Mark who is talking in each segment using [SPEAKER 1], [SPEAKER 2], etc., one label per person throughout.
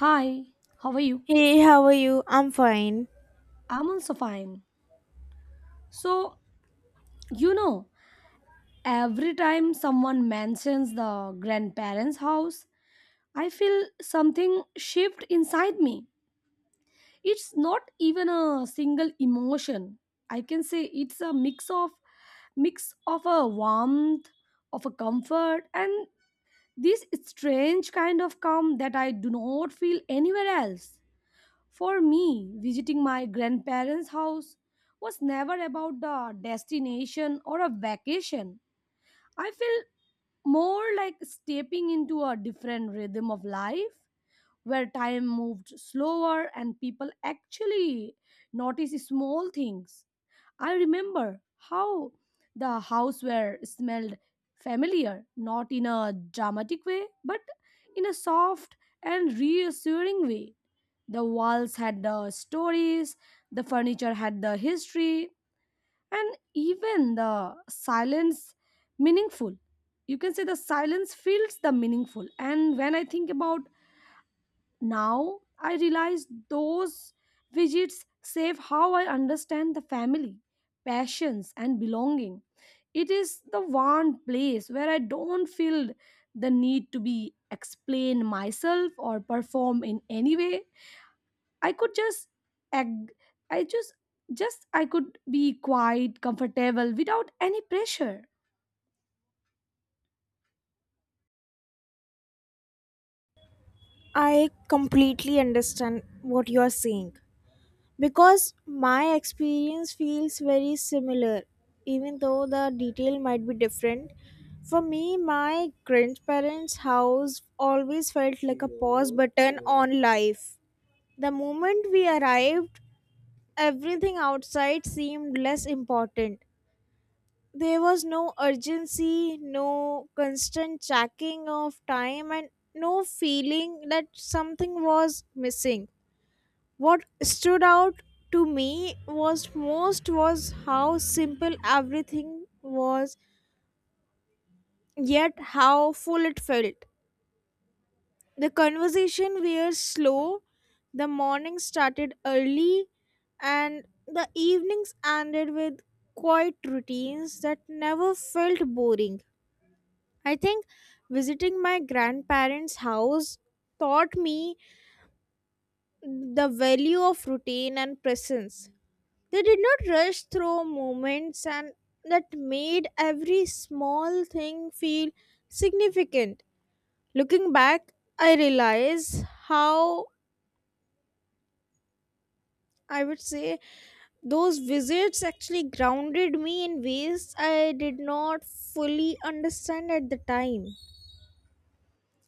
[SPEAKER 1] Hi, how are you?
[SPEAKER 2] Hey, how are you? I'm fine.
[SPEAKER 1] I'm also fine. So, you know, every time someone mentions the grandparents' house, I feel something shift inside me. It's not even a single emotion. I can say it's a mix of a warmth, of a comfort and this strange kind of calm that I do not feel anywhere else. For me, visiting my grandparents' house was never about the destination or a vacation. I feel more like stepping into a different rhythm of life where time moved slower and people actually noticed small things. I remember how the house were smelled familiar, not in a dramatic way, but in a soft and reassuring way. The walls had the stories, the furniture had the history, and even the silence meaningful. You can say the silence feels the meaningful. And when I think about now, I realize those visits save how I understand the family, passions, and belonging. It is the one place where I don't feel the need to be explain myself or perform in any way. I could just ag- I just I could be quite comfortable without any pressure.
[SPEAKER 2] I completely understand what you are saying, because my experience feels very similar, even though the detail might be different. For me, my grandparents' house always felt like a pause button on life. The moment we arrived, everything outside seemed less important. There was no urgency, no constant checking of time, and no feeling that something was missing. What stood out to me was most was how simple everything was, yet how full it felt. The conversation were slow, the morning started early, and the evenings ended with quiet routines that never felt boring. I think visiting my grandparents' house taught me the value of routine and presence. They did not rush through moments, and that made every small thing feel significant. Looking back, I realize how, I would say, those visits actually grounded me in ways I did not fully understand at the time.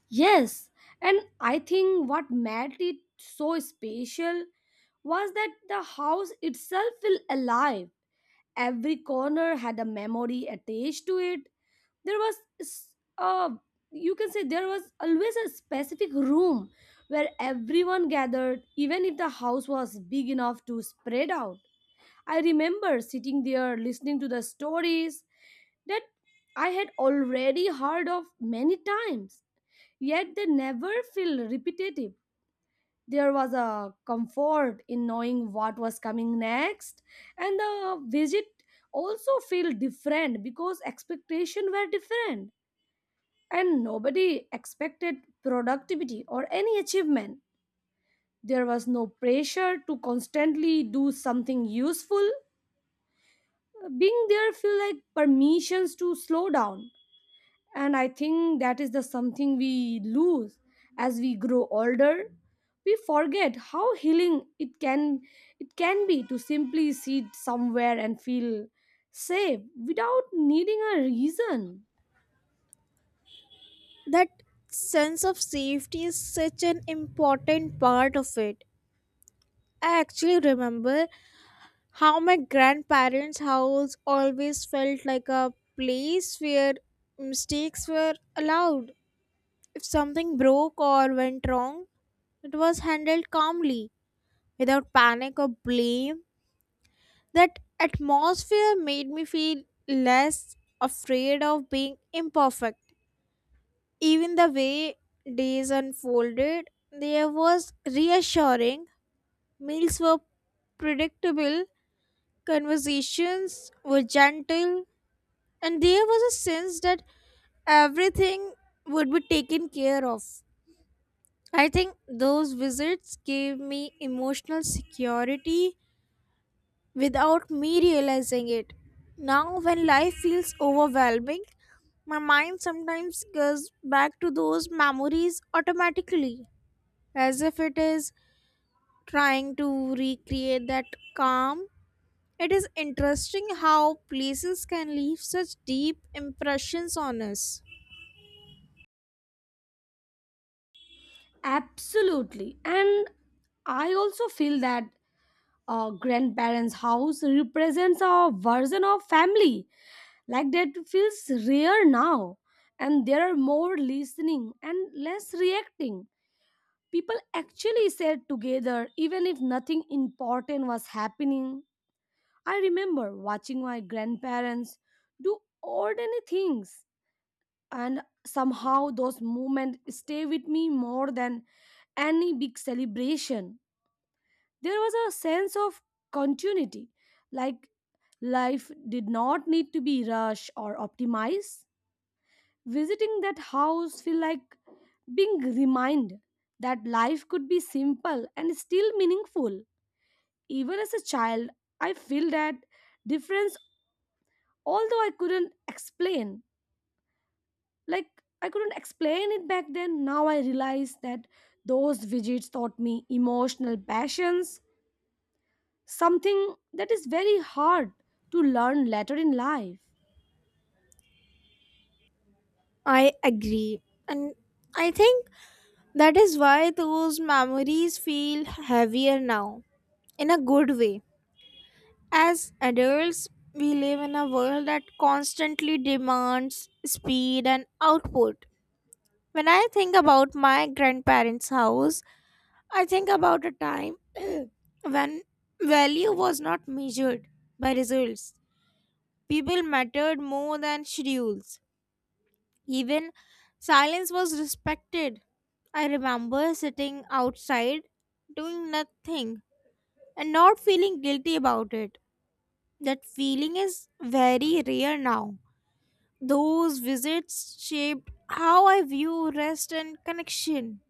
[SPEAKER 1] Yes, and I think what made it so special was that the house itself felt alive. Every corner had a memory attached to it. There was, s- uh, you can say, there was always a specific room where everyone gathered, even if the house was big enough to spread out. I remember sitting there listening to the stories that I had already heard of many times, yet they never feel repetitive. There was a comfort in knowing what was coming next, and the visit also felt different because expectations were different, and nobody expected productivity or any achievement. There was no pressure to constantly do something useful. Being there feel like permissions to slow down, and I think that is the something we lose as we grow older. We forget how healing it can be to simply sit somewhere and feel safe without needing a reason.
[SPEAKER 2] That sense of safety is such an important part of it. I actually remember how my grandparents' house always felt like a place where mistakes were allowed. If something broke or went wrong, it was handled calmly, without panic or blame. That atmosphere made me feel less afraid of being imperfect. Even the way days unfolded, there was reassuring. Meals were predictable, conversations were gentle, and there was a sense that everything would be taken care of. I think those visits gave me emotional security without me realizing it. Now, when life feels overwhelming, my mind sometimes goes back to those memories automatically, as if it is trying to recreate that calm. It is interesting how places can leave such deep impressions on us.
[SPEAKER 1] Absolutely, and I also feel that a grandparents house represents a version of family like that feels rare now, and there are more listening and less reacting. People actually sat together even if nothing important was happening. I remember watching my grandparents do ordinary things, and somehow those moments stay with me more than any big celebration. There was a sense of continuity, like life did not need to be rushed or optimized. Visiting that house feel like being reminded that life could be simple and still meaningful. Even as a child, I feel that difference although I couldn't explain. Like I couldn't explain it back then. Now I realize that those visits taught me emotional passions, something that is very hard to learn later in life.
[SPEAKER 2] I agree. And I think that is why those memories feel heavier now, in a good way. As adults, we live in a world that constantly demands speed and output. When I think about my grandparents' house, I think about a time when value was not measured by results. People mattered more than schedules. Even silence was respected. I remember sitting outside doing nothing and not feeling guilty about it. That feeling is very rare now. Those visits shaped how I view rest and connection.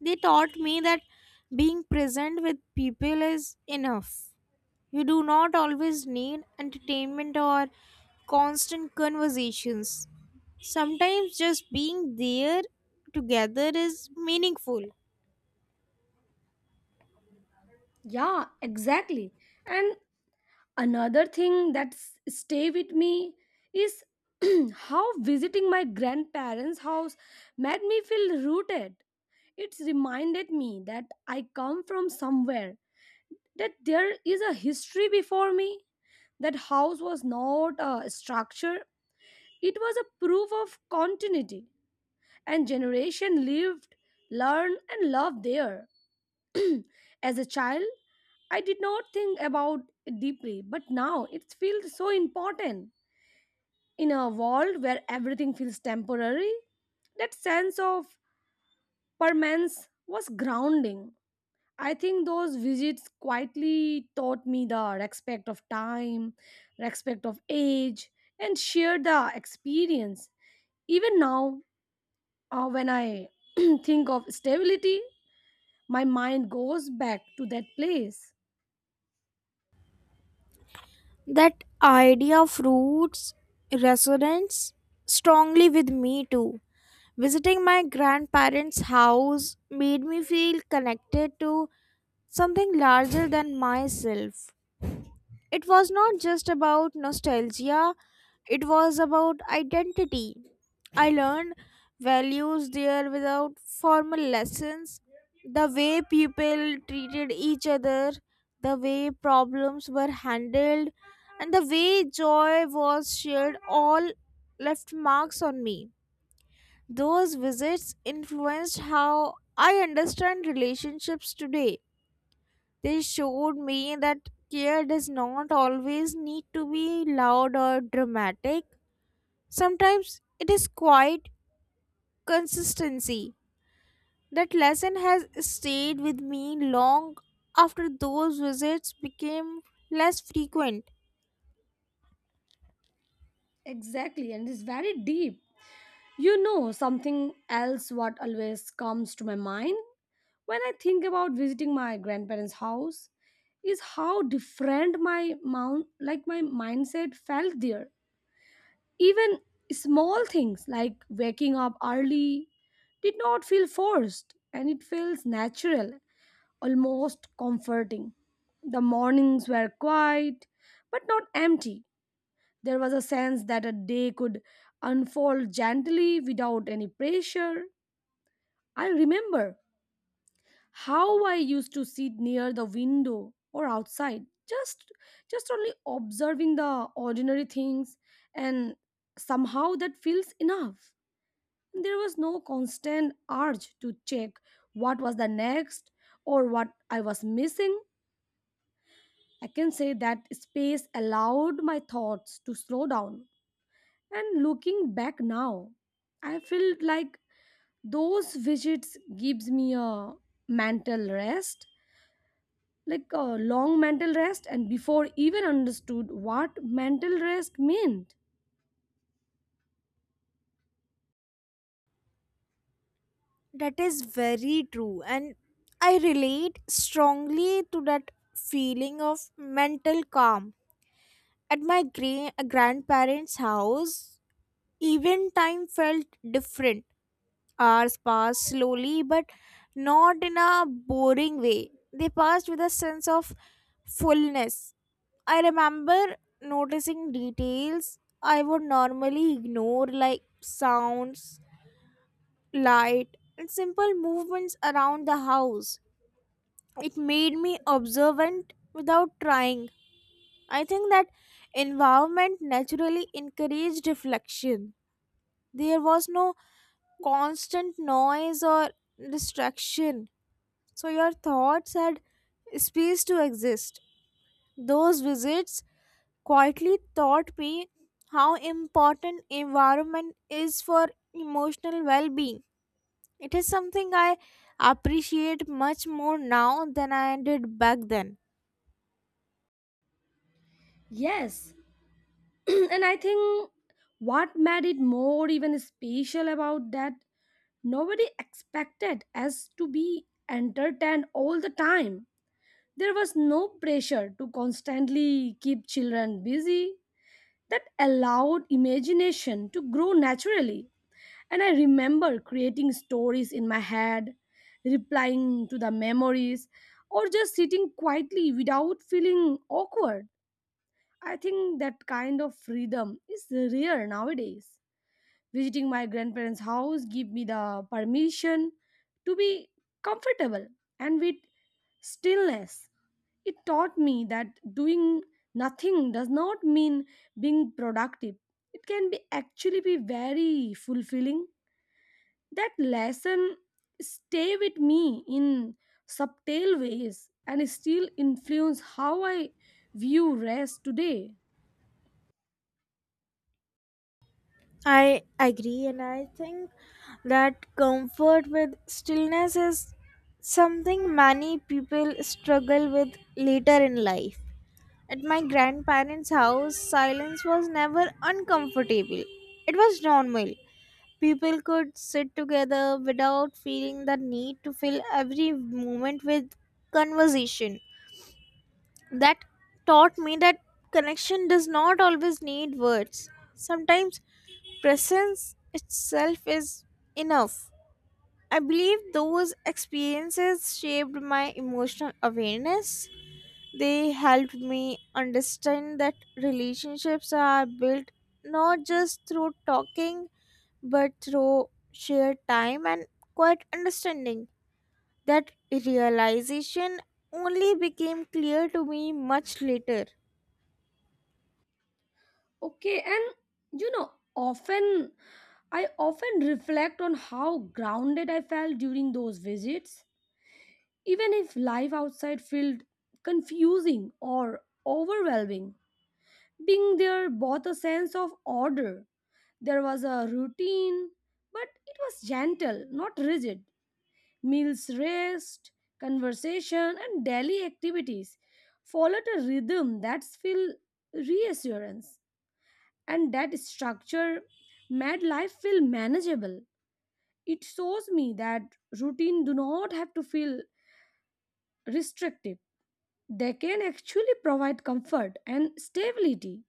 [SPEAKER 2] They taught me that being present with people is enough. You do not always need entertainment or constant conversations. Sometimes just being there together is meaningful.
[SPEAKER 1] Yeah, exactly. And another thing that's stay with me is how visiting my grandparents' house made me feel rooted. It reminded me that I come from somewhere, that there is a history before me. That house was not a structure, it was a proof of continuity, and generation lived, learned, and loved there. As a child, I did not think about it deeply, but now it feels so important. In a world where everything feels temporary, that sense of permanence was grounding. I think those visits quietly taught me the respect of time, respect of age, and shared the experience. Even now, when I think of stability, my mind goes back to that place.
[SPEAKER 2] That idea of roots resonates strongly with me too. Visiting my grandparents' house made me feel connected to something larger than myself. It was not just about nostalgia, it was about identity. I learned values there without formal lessons. The way people treated each other, the way problems were handled, and the way joy was shared all left marks on me. Those visits influenced how I understand relationships today. They showed me that care does not always need to be loud or dramatic. Sometimes it is quiet consistency. That lesson has stayed with me long after those visits became less frequent.
[SPEAKER 1] Exactly, and it's very deep. Something else what always comes to my mind when I think about visiting my grandparents' house is how different my mount like my mindset felt there. Even small things like waking up early did not feel forced and it feels natural, almost comforting. The mornings were quiet but not empty. There was a sense that a day could unfold gently without any pressure. I remember how I used to sit near the window or outside, just only observing the ordinary things, and somehow that feels enough. There was no constant urge to check what was the next or what I was missing. I can say that space allowed my thoughts to slow down. And looking back now, I feel like those visits gives me a mental rest, like a long mental rest, and before even understood what mental rest meant.
[SPEAKER 2] That is very true, and I relate strongly to that feeling of mental calm. At my grandparents' house, even time felt different. Hours passed slowly, but not in a boring way. They passed with a sense of fullness. I remember noticing details I would normally ignore, like sounds, light, and simple movements around the house. It made me observant without trying. I think that environment naturally encouraged reflection. There was no constant noise or distraction, so your thoughts had space to exist. Those visits quietly taught me how important environment is for emotional well-being. It is something I appreciate much more now than I did back then.
[SPEAKER 1] Yes, and I think what made it more even special about that nobody expected us to be entertained all the time. There was no pressure to constantly keep children busy that allowed imagination to grow naturally. And I remember creating stories in my head, replying to the memories, or just sitting quietly without feeling awkward. I think that kind of freedom is rare nowadays. Visiting my grandparents' house gave me the permission to be comfortable and with stillness. It taught me that doing nothing does not mean being productive. It can be actually be very fulfilling. That lesson stay with me in subtle ways and still influence how I view rest today.
[SPEAKER 2] I agree, and I think that comfort with stillness is something many people struggle with later in life. At my grandparents' house, silence was never uncomfortable, it was normal. People could sit together without feeling the need to fill every moment with conversation. That taught me that connection does not always need words. Sometimes presence itself is enough. I believe those experiences shaped my emotional awareness. They helped me understand that relationships are built not just through talking but through shared time and quiet understanding. That realization only became clear to me much later.
[SPEAKER 1] Okay, and you know, often I often reflect on how grounded I felt during those visits, even if life outside felt confusing or overwhelming. Being there brought a sense of order. There was a routine, but it was gentle, not rigid. Meals, rest, conversation, and daily activities followed a rhythm that filled reassurance, and that structure made life feel manageable. It shows me that routine do not have to feel restrictive. They can actually provide comfort and stability.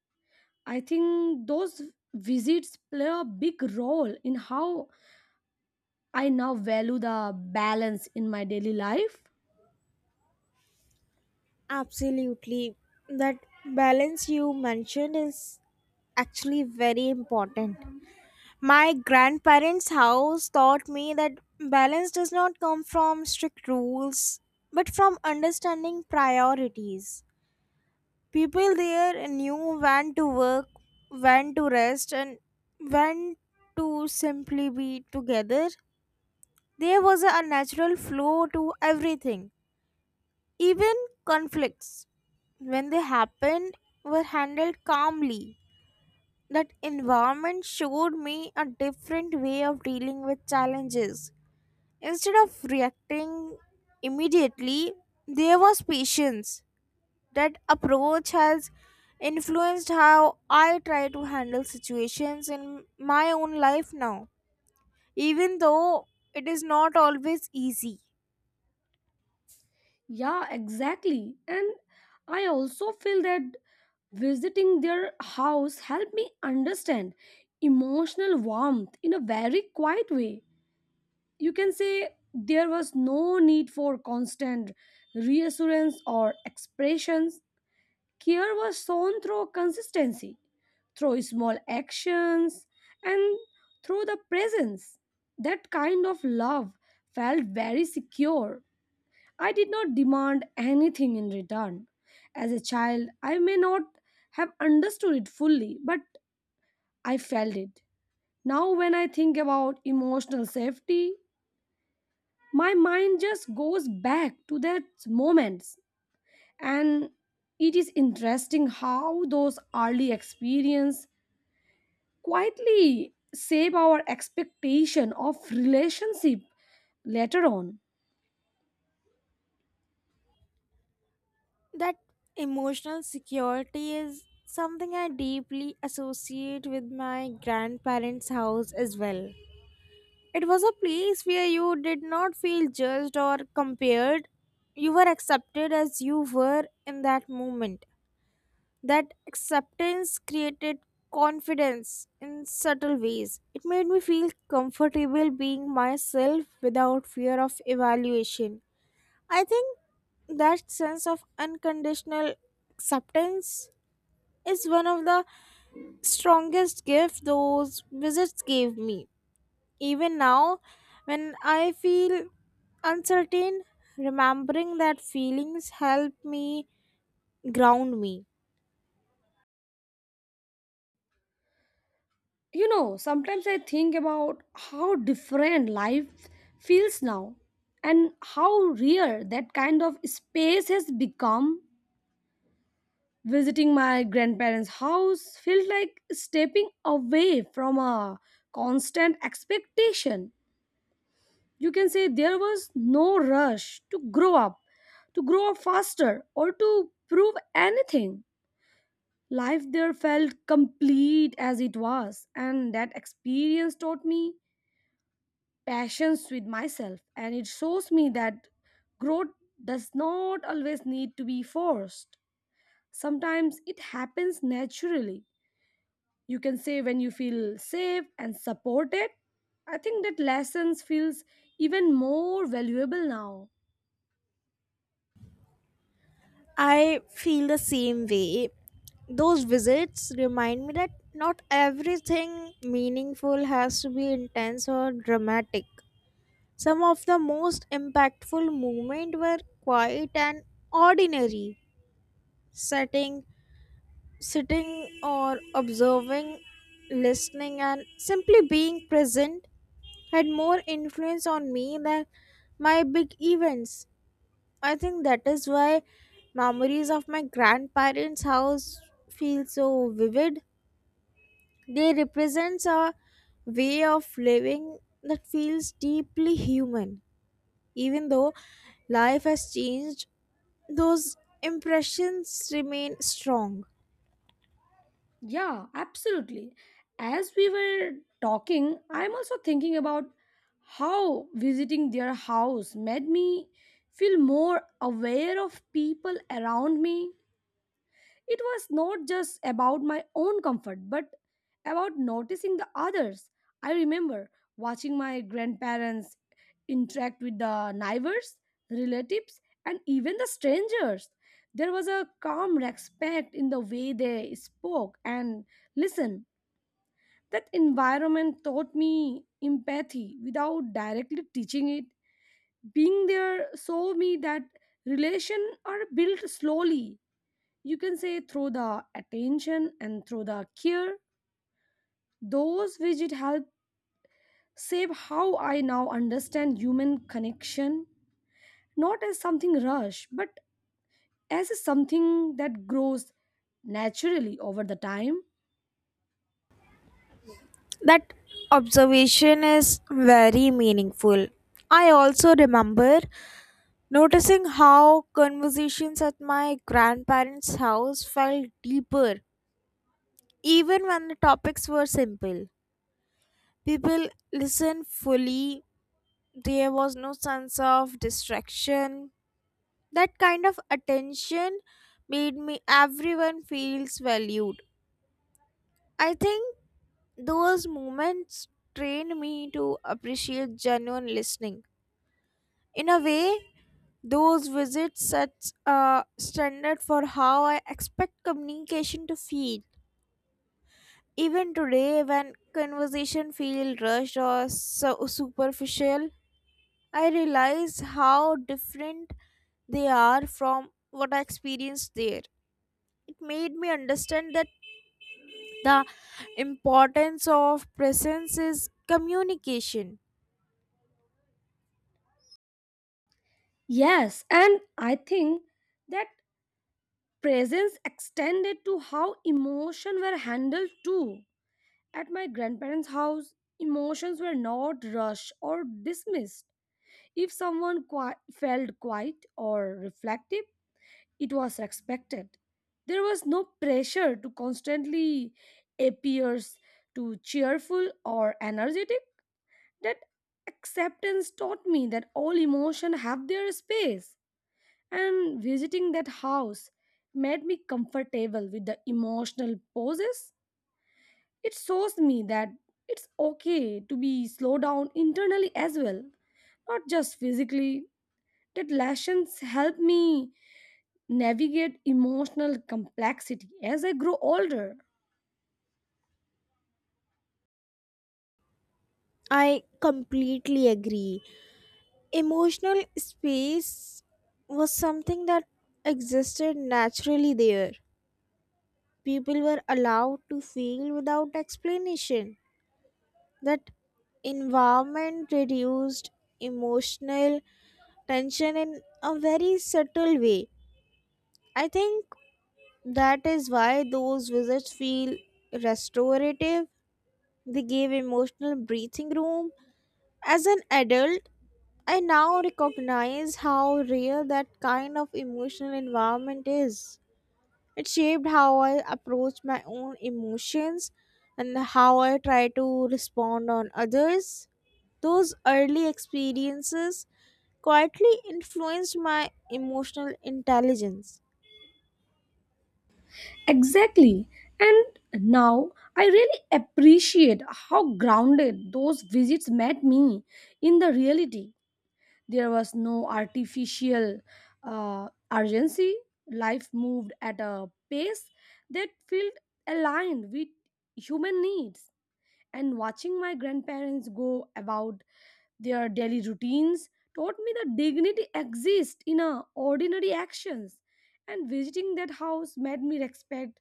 [SPEAKER 1] I think those visits play a big role in how I now value the balance in my daily life.
[SPEAKER 2] Absolutely. That balance you mentioned is actually very important. My grandparents' house taught me that balance does not come from strict rules, but from understanding priorities. People there knew when to work, when to rest, and when to simply be together. There was a natural flow to everything. Even conflicts, when they happened, were handled calmly. That environment showed me a different way of dealing with challenges. Instead of reacting immediately, there was patience. That approach has influenced how I try to handle situations in my own life now, even though it is not always easy.
[SPEAKER 1] Yeah, exactly. And I also feel that visiting their house helped me understand emotional warmth in a very quiet way. You can say there was no need for constant reassurance or expressions. Care was shown through consistency, through small actions, and through the presence. That kind of love felt very secure. I did not demand anything in return. As a child, I may not have understood it fully, but I felt it. Now, when I think about emotional safety, my mind just goes back to that moments, and it is interesting how those early experience quietly shape our expectation of relationship later on.
[SPEAKER 2] That emotional security is something I deeply associate with my grandparents' house as well. It was a place where you did not feel judged or compared. You were accepted as you were in that moment. That acceptance created confidence in subtle ways. It made me feel comfortable being myself without fear of evaluation. I think that sense of unconditional acceptance is one of the strongest gifts those visits gave me. Even now, when I feel uncertain, remembering that feelings help me ground me.
[SPEAKER 1] Sometimes I think about how different life feels now and how rare that kind of space has become. Visiting my grandparents house felt like stepping away from a constant expectation. You can say there was no rush to grow up faster or to prove anything. Life there felt complete as it was, and that experience taught me patience with myself, and it shows me that growth does not always need to be forced. Sometimes it happens naturally. You can say when you feel safe and supported, I think that lessons feels even more valuable now.
[SPEAKER 2] I feel the same way. Those visits remind me that not everything meaningful has to be intense or dramatic. Some of the most impactful moments were quiet and ordinary. sitting sitting or observing, listening and simply being present had more influence on me than my big events. I think that is why memories of my grandparents' house feel so vivid. They represent a way of living that feels deeply human. Even though life has changed, those impressions remain strong.
[SPEAKER 1] Yeah, absolutely. As we were talking, I'm also thinking about how visiting their house made me feel more aware of people around me. It was not just about my own comfort, but about noticing the others. I remember watching my grandparents interact with the neighbors, relatives, and even the strangers. There was a calm respect in the way they spoke and listened. That environment taught me empathy without directly teaching it. Being there saw me that relations are built slowly. You can say through the attention and through the care, those widget help save how I now understand human connection, not as something rush but as something that grows naturally over the time.
[SPEAKER 2] That observation is very meaningful. I also remember noticing how conversations at my grandparents' house felt deeper, even when the topics were simple. People listened fully, there was no sense of distraction. That kind of attention made me everyone feels valued. I think those moments trained me to appreciate genuine listening. In a way, those visits sets a standard for how I expect communication to feel. Even today, when conversation feel rushed or so superficial, I realize how different they are from what I experienced there. It made me understand that the importance of presence is communication.
[SPEAKER 1] Yes, and I think that presence extended to how emotion were handled too. At my grandparents house, emotions were not rushed or dismissed. If someone felt quiet or reflective, it was expected. There was no pressure to constantly appear to cheerful or energetic. That acceptance taught me that all emotion have their space. And visiting that house made me comfortable with the emotional pauses. It shows me that it's okay to be slowed down internally as well, not just physically. That lessons help me navigate emotional complexity as I grow older.
[SPEAKER 2] I completely agree. Emotional space was something that existed naturally there. People were allowed to feel without explanation. That environment reduced emotional tension in a very subtle way. I think that is why those visits feel restorative. They gave emotional breathing room. As an adult, I now recognize how real that kind of emotional environment is. It shaped how I approach my own emotions and how I try to respond on others. Those early experiences quietly influenced my emotional intelligence.
[SPEAKER 1] Exactly. And now I really appreciate how grounded those visits made me in the reality. There was no artificial urgency. Life moved at a pace that felt aligned with human needs. And watching my grandparents go about their daily routines taught me that dignity exists in our ordinary actions, and visiting that house made me respect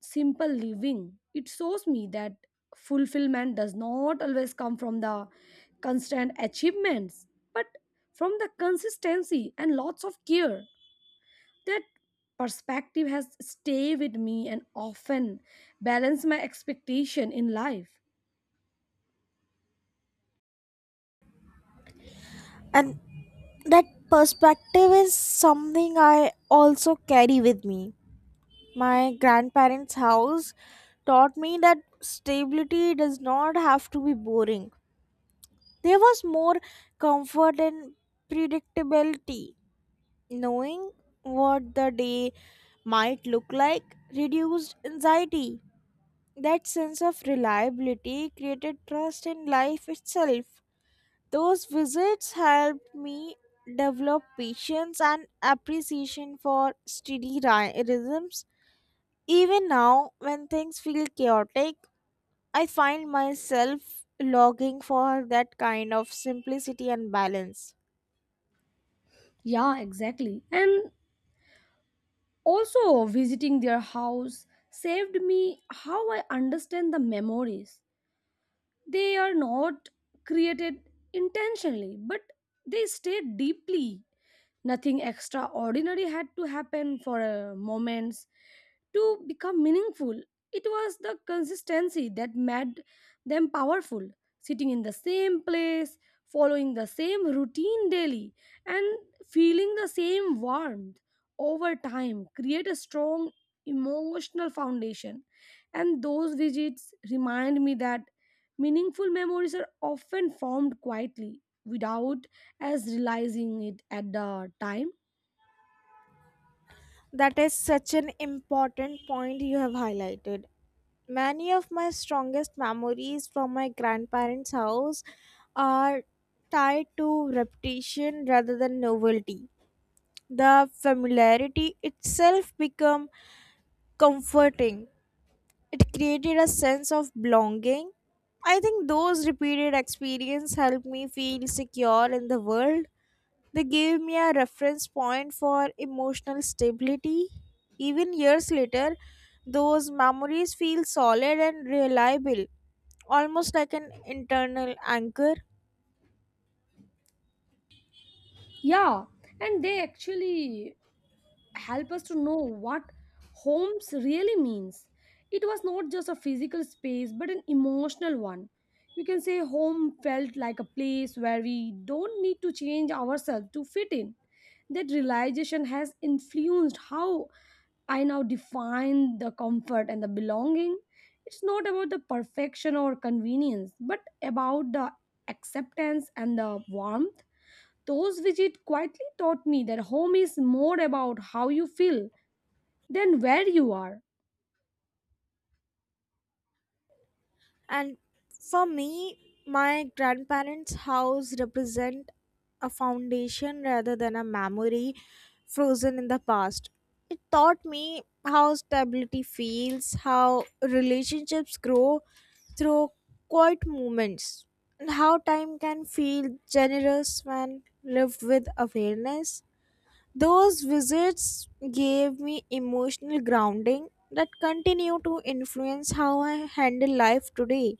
[SPEAKER 1] simple living. It shows me that fulfillment does not always come from the constant achievements, but from the consistency and lots of care. That perspective has stayed with me and often balance my expectation in life.
[SPEAKER 2] And that perspective is something I also carry with me. My grandparents' house taught me that stability does not have to be boring. There was more comfort and predictability. Knowing what the day might look like reduced anxiety. That sense of reliability created trust in life itself. Those visits helped me develop patience and appreciation for steady rhythms. Even now, when things feel chaotic, I find myself longing for that kind of simplicity and balance.
[SPEAKER 1] Yeah, exactly. And also, visiting their house saved me how I understand the memories. They are not created intentionally, but they stay deeply. Nothing extraordinary had to happen for a moment to become meaningful. It was the consistency that made them powerful, sitting in the same place, following the same routine daily, and feeling the same warmth over time create a strong emotional foundation. And those visits remind me that meaningful memories are often formed quietly without as realizing it at the time.
[SPEAKER 2] That is such an important point you have highlighted. Many of my strongest memories from my grandparents' house are tied to repetition rather than novelty. The familiarity itself become comforting. It created a sense of belonging. I think those repeated experiences helped me feel secure in the world. They gave me a reference point for emotional stability. Even years later, those memories feel solid and reliable, almost like an internal anchor.
[SPEAKER 1] Yeah, and they actually help us to know what homes really means. It was not just a physical space but an emotional one. You can say home felt like a place where we don't need to change ourselves to fit in. That realization has influenced how I now define the comfort and the belonging. It's not about the perfection or convenience, but about the acceptance and the warmth. Those visits quietly taught me that home is more about how you feel than where you are.
[SPEAKER 2] And for me, my grandparents' house represent a foundation rather than a memory frozen in the past. It taught me how stability feels, how relationships grow through quiet moments, and how time can feel generous when lived with awareness. Those visits gave me emotional grounding that continue to influence how I handle life today.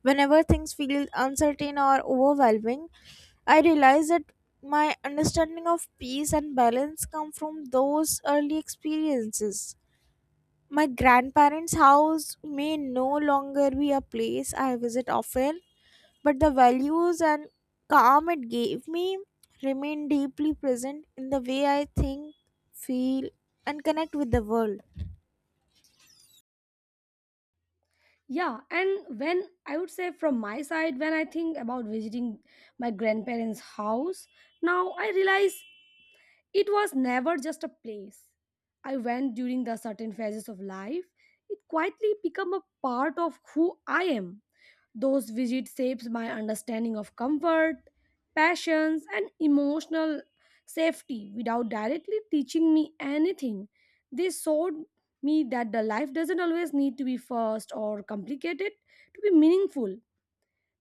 [SPEAKER 2] Whenever things feel uncertain or overwhelming, I realize that my understanding of peace and balance come from those early experiences. My grandparents' house may no longer be a place I visit often, but the values and calm it gave me remain deeply present in the way I think, feel, and connect with the world.
[SPEAKER 1] Yeah, and when I would say from my side, when I think about visiting my grandparents' house, now I realize it was never just a place. I went during the certain phases of life. It quietly became a part of who I am. Those visits shapes my understanding of comfort, passions, and emotional safety without directly teaching me anything. They showed me that the life doesn't always need to be fast or complicated to be meaningful.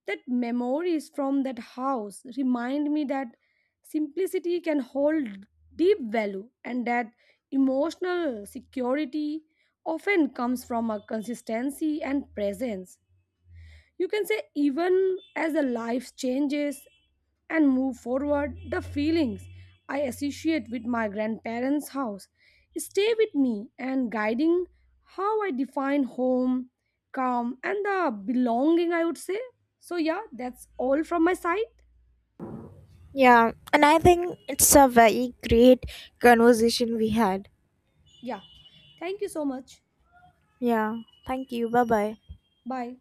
[SPEAKER 1] That memories from that house remind me that simplicity can hold deep value, and that emotional security often comes from a consistency and presence. You can say, even as the life changes and move forward, the feelings I associate with my grandparents' house stay with me and guiding how I define home, calm, and the belonging, I would say. So, yeah, that's all from my side.
[SPEAKER 2] Yeah, and I think it's a very great conversation we had.
[SPEAKER 1] Yeah. Thank you so much.
[SPEAKER 2] Yeah. Thank you. Bye bye.
[SPEAKER 1] Bye.